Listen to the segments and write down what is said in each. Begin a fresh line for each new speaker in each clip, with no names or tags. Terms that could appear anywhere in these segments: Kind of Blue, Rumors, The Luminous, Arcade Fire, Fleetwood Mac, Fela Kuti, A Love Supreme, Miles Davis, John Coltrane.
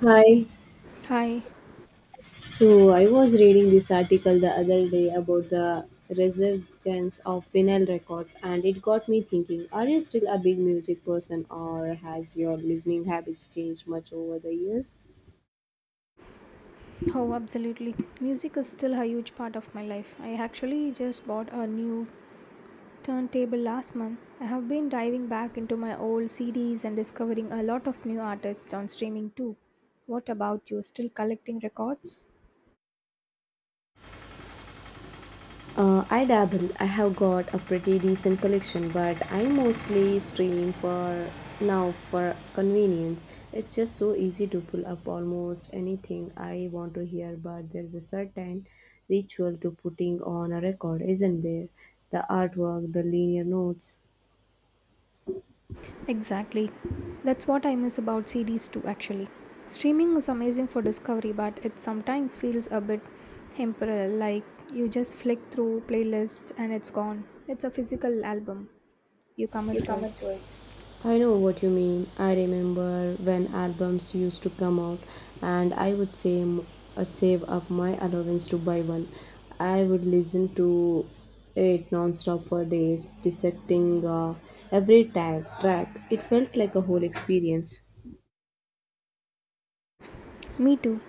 Hi.
Hi.
So I was reading this article the other day about the resurgence of vinyl records and it got me thinking, are you still a big music person or has your listening habits changed much over the years?
Oh, absolutely. Music is still a huge part of my life. I actually just bought a new turntable last month. I have been diving back into my old CDs and discovering a lot of new artists on streaming too. What about you? Still collecting records?
I dabble. I have got a pretty decent collection, but I mostly stream for now for convenience. It's just so easy to pull up almost anything I want to hear, but there's a certain ritual to putting on a record, isn't there? The artwork, the linear notes.
Exactly. That's what I miss about CDs too, actually. Streaming is amazing for discovery, but it sometimes feels a bit temporal, like you just flick through playlist and it's gone. It's a physical album. You
You
commit to
cannot
it.
do it. I know what you mean. I remember when albums used to come out, and I would save up my allowance to buy one. I would listen to it non-stop for days, dissecting every track. It felt like a whole experience.
Me too.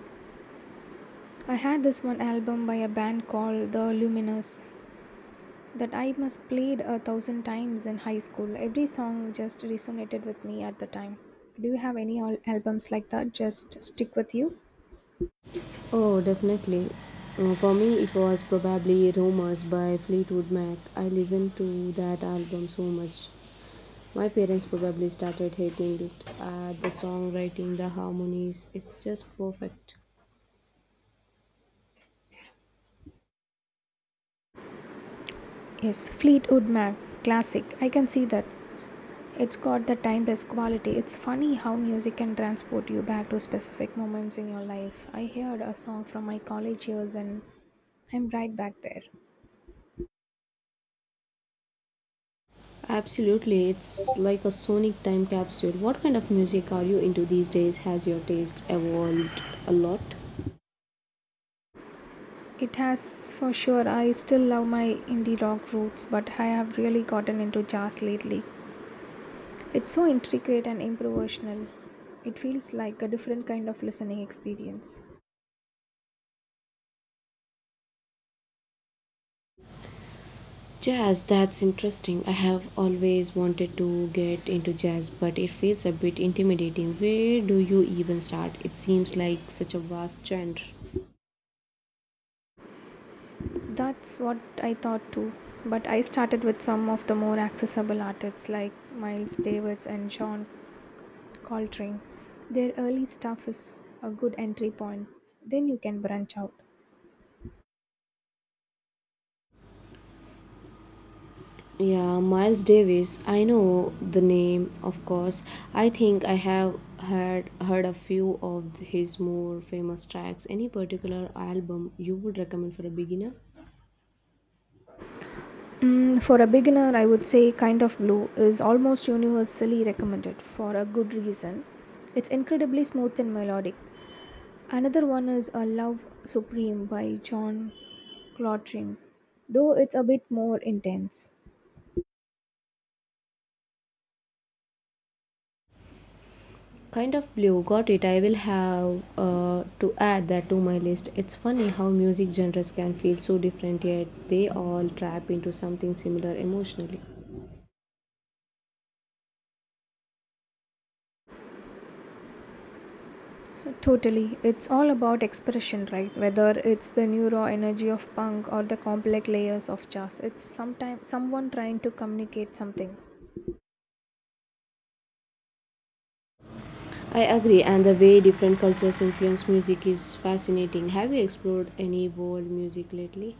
I had this one album by a band called The Luminous that I must played a thousand times in high school. Every song just resonated with me at the time. Do you have any albums like that just stick with you?
Oh, definitely. For me, it was probably Rumors by Fleetwood Mac. I listened to that album so much. My parents probably started hating it. The songwriting, the harmonies, it's just perfect.
Yes, Fleetwood Mac, classic. I can see that. It's got the timeless quality. It's funny how music can transport you back to specific moments in your life. I heard a song from my college years and I'm right back there.
Absolutely, it's like a sonic time capsule. What kind of music are you into these days? Has your taste evolved a lot?
It has, for sure, I still love my indie rock roots, but I have really gotten into jazz lately. It's so intricate and improvisational. It feels like a different kind of listening experience.
Jazz, that's interesting. I have always wanted to get into jazz, but it feels a bit intimidating. Where do you even start? It seems like such a vast genre.
That's what I thought too. But I started with some of the more accessible artists like Miles Davis and John Coltrane. Their early stuff is a good entry point. Then you can branch out.
Yeah, Miles Davis. I know the name, of course. I think I have heard a few of his more famous tracks. Any particular album you would recommend for a beginner?
Mm, for a beginner, I would say Kind of Blue is almost universally recommended for a good reason. It's incredibly smooth and melodic. Another one is A Love Supreme by John Coltrane, though it's a bit more intense.
Kind of Blue, got it. I will have to add that to my list. It's funny how music genres can feel so different, yet they all trap into something similar emotionally.
Totally. It's all about expression, right? Whether it's the neuro energy of punk or the complex layers of jazz. It's sometimes someone trying to communicate something.
I agree, and the way different cultures influence music is fascinating. Have you explored any world music lately?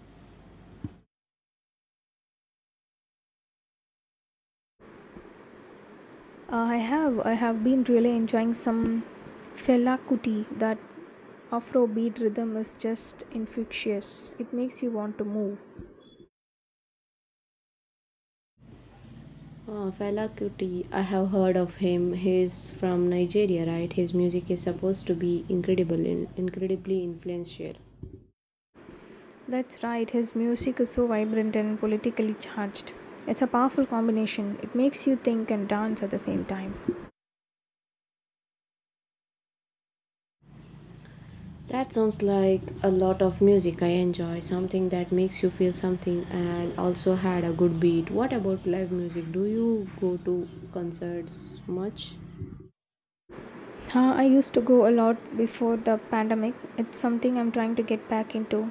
I have been really enjoying some Fela Kuti. That Afrobeat rhythm is just infectious. It makes you want to move.
Fela Kuti, I have heard of him. He's from Nigeria, right? His music is supposed to be incredibly influential.
That's right. His music is so vibrant and politically charged. It's a powerful combination. It makes you think and dance at the same time.
That sounds like a lot of music I enjoy, something that makes you feel something and also had a good beat. What about live music? Do you go to concerts much?
I used to go a lot before the pandemic. It's something I'm trying to get back into.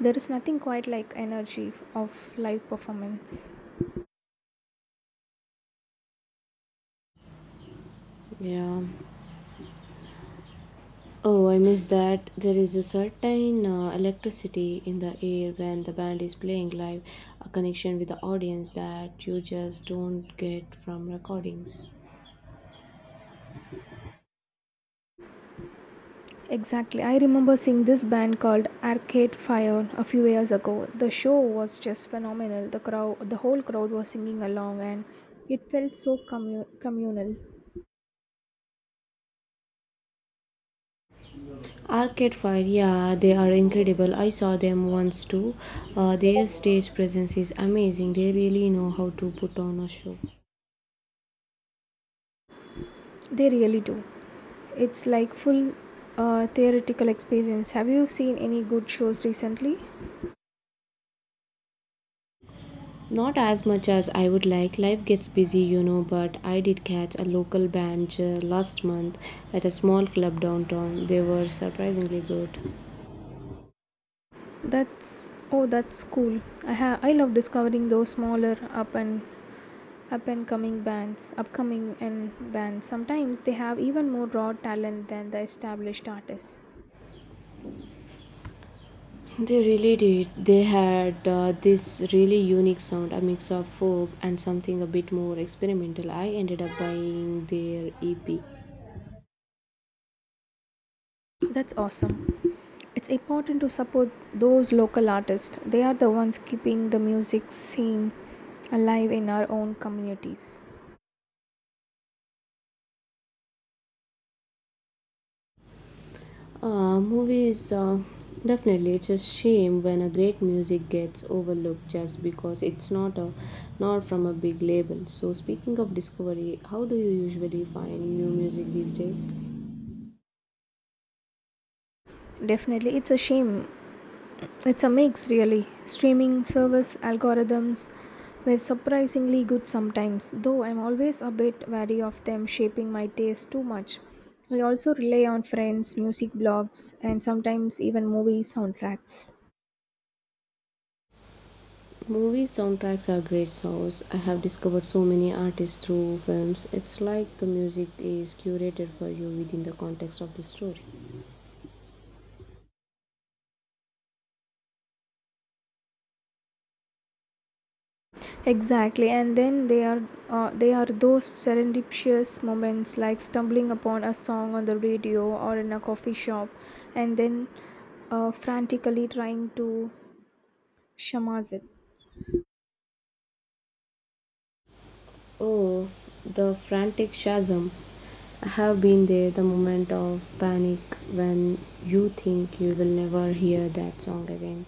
There is nothing quite like energy of live performance.
Yeah. Oh, I miss that. There is a certain electricity in the air when the band is playing live, a connection with the audience that you just don't get from recordings.
Exactly. I remember seeing this band called Arcade Fire a few years ago. The show was just phenomenal. The crowd, the whole crowd was singing along and it felt so communal.
Arcade Fire, yeah, they are incredible. I saw them once too. Their stage presence is amazing. They really know how to put on a show.
They really do. It's like full theoretical experience. Have you seen any good shows recently?
Not as much as I would like. Life gets busy, you know, but I did catch a local band last month at a small club downtown. They were surprisingly good.
That's oh, that's cool. I love discovering those smaller up and coming bands, upcoming and bands. Sometimes they have even more raw talent than the established artists.
They really did. They had this really unique sound, a mix of folk and something a bit more experimental. I ended up buying their EP.
That's awesome. It's important to support those local artists. They are the ones keeping the music scene alive in our own communities.
Uh, movies, uh, Definitely, it's a shame when a great music gets overlooked just because it's not from a big label. So, speaking of discovery, how do you usually find new music these days?
Definitely, it's a shame. It's a mix, really. Streaming service algorithms were surprisingly good sometimes, though I'm always a bit wary of them shaping my taste too much. I also rely on friends, music blogs, and sometimes even movie soundtracks.
Movie soundtracks are great source. I have discovered so many artists through films. It's like the music is curated for you within the context of the story.
Exactly, and then they are those serendipitous moments like stumbling upon a song on the radio or in a coffee shop, and then frantically trying to shamaz it.
Oh, the frantic chasm. I have been there, the moment of panic when you think you will never hear that song again.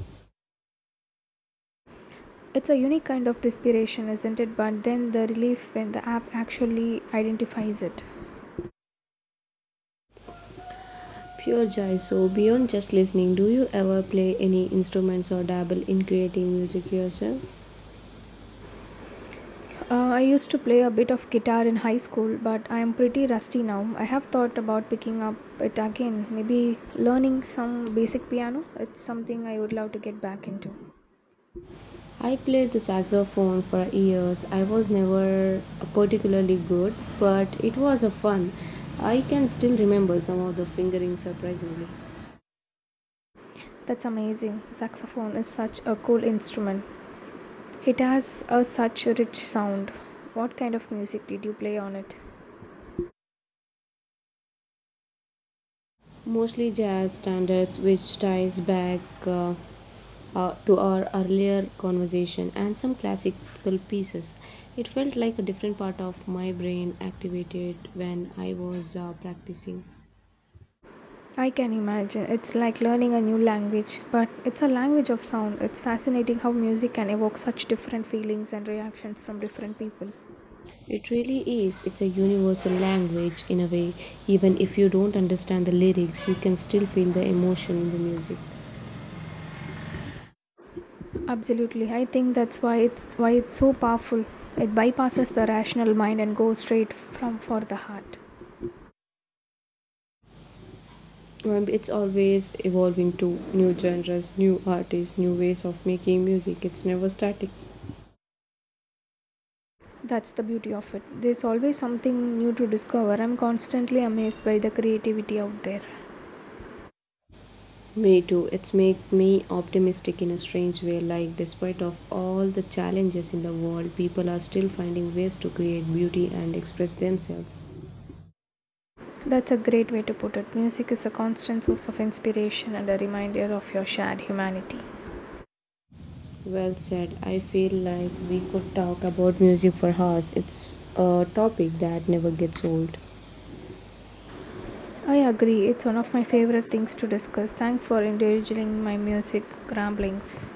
It's a unique kind of desperation, isn't it? But then the relief when the app actually identifies it.
Pure joy. So, beyond just listening, do you ever play any instruments or dabble in creating music yourself?
I used to play a bit of guitar in high school, but I am pretty rusty now. I have thought about picking up it again, maybe learning some basic piano. It's something I would love to get back into.
I played the saxophone for years. I was never particularly good, but it was a fun. I can still remember some of the fingerings surprisingly.
That's amazing. Saxophone is such a cool instrument. It has a such a rich sound. What kind of music did you play on it?
Mostly jazz standards, which ties back uh, to our earlier conversation, and some classical pieces. It felt like a different part of my brain activated when I was practicing.
I can imagine. It's like learning a new language, but it's a language of sound. It's fascinating how music can evoke such different feelings and reactions from different people.
It really is, it's a universal language in a way. Even if you don't understand the lyrics, you can still feel the emotion in the music.
Absolutely. I think that's why it's so powerful. It bypasses the rational mind and goes straight from for the heart.
It's always evolving to new genres, new artists, new ways of making music. It's never static.
That's the beauty of it. There's always something new to discover. I'm constantly amazed by the creativity out there.
Me too. It's make me optimistic in a strange way. Like despite of all the challenges in the world, people are still finding ways to create beauty and express themselves.
That's a great way to put it. Music is a constant source of inspiration and a reminder of your shared humanity.
Well said. I feel like we could talk about music for hours. It's a topic that never gets old.
I agree, it's one of my favorite things to discuss. Thanks for indulging my music ramblings.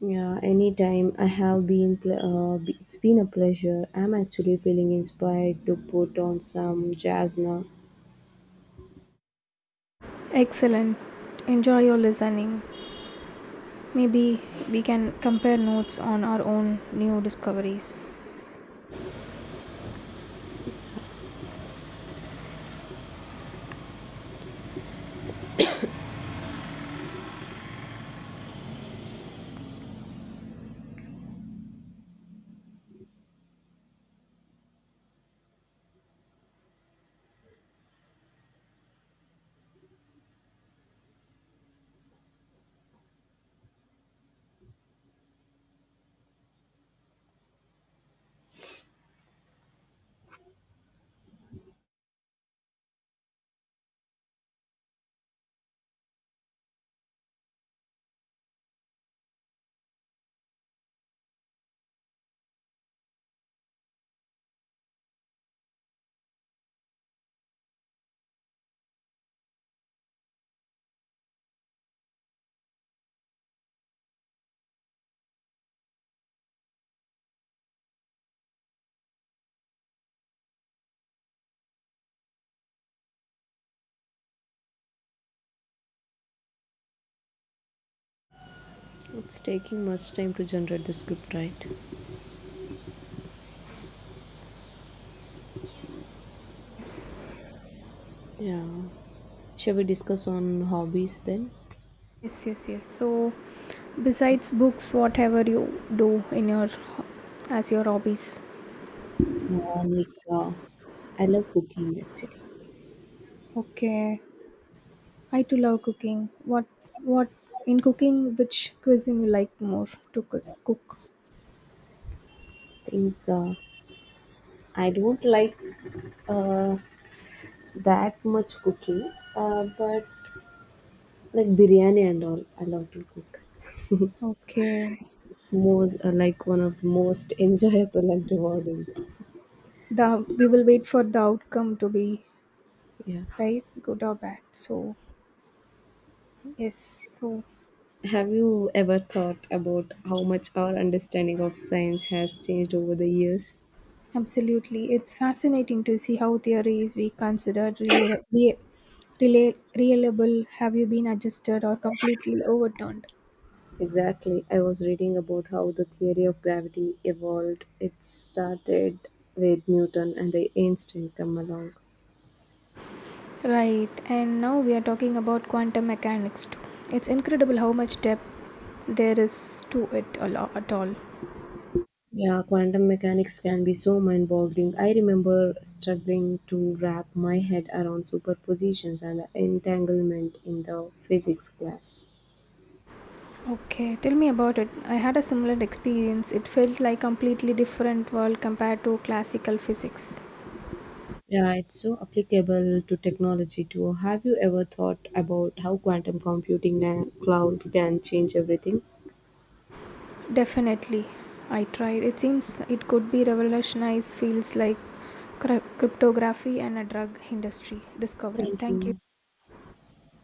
Yeah, anytime. I have been, pl- b- It's been a pleasure. I'm actually feeling inspired to put on some jazz now.
Excellent. Enjoy your listening. Maybe we can compare notes on our own new discoveries.
It's taking much time to generate the script, right?
Yes,
Yeah. Shall we discuss on hobbies then?
yes. So, besides books, whatever you do in your as your hobbies.
Uh, like, uh, I love cooking actually.
Okay. I too love cooking. What in cooking? Which cuisine you like more to cook?
Think I don't like uh, that much cooking, but like biryani and all, I love to cook.
Okay.
It's most like one of the most enjoyable and rewarding.
The we will wait for the outcome to be
Yeah.
right, good or bad, so yes, so
Have you ever thought about how much our understanding of science has changed over the years?
absolutely it's fascinating to see how theories we considered reliable have you been adjusted or completely overturned.
Exactly. I was reading about how the theory of gravity evolved. It started with Newton and the Einstein come along.
Right, and now we are talking about quantum mechanics too. It's incredible how much depth there is to it a lot at all.
Yeah, quantum mechanics can be so mind boggling. I remember struggling to wrap my head around superpositions and entanglement in the physics class.
Okay, tell me about it. I had a similar experience. It felt like completely different world compared to classical physics.
Yeah, it's so applicable to technology too. Have you ever thought about how quantum computing and cloud can change everything?
Definitely, I tried. It seems it could be revolutionized fields like cryptography and a drug industry discovery.
Thank
Thank you.
you.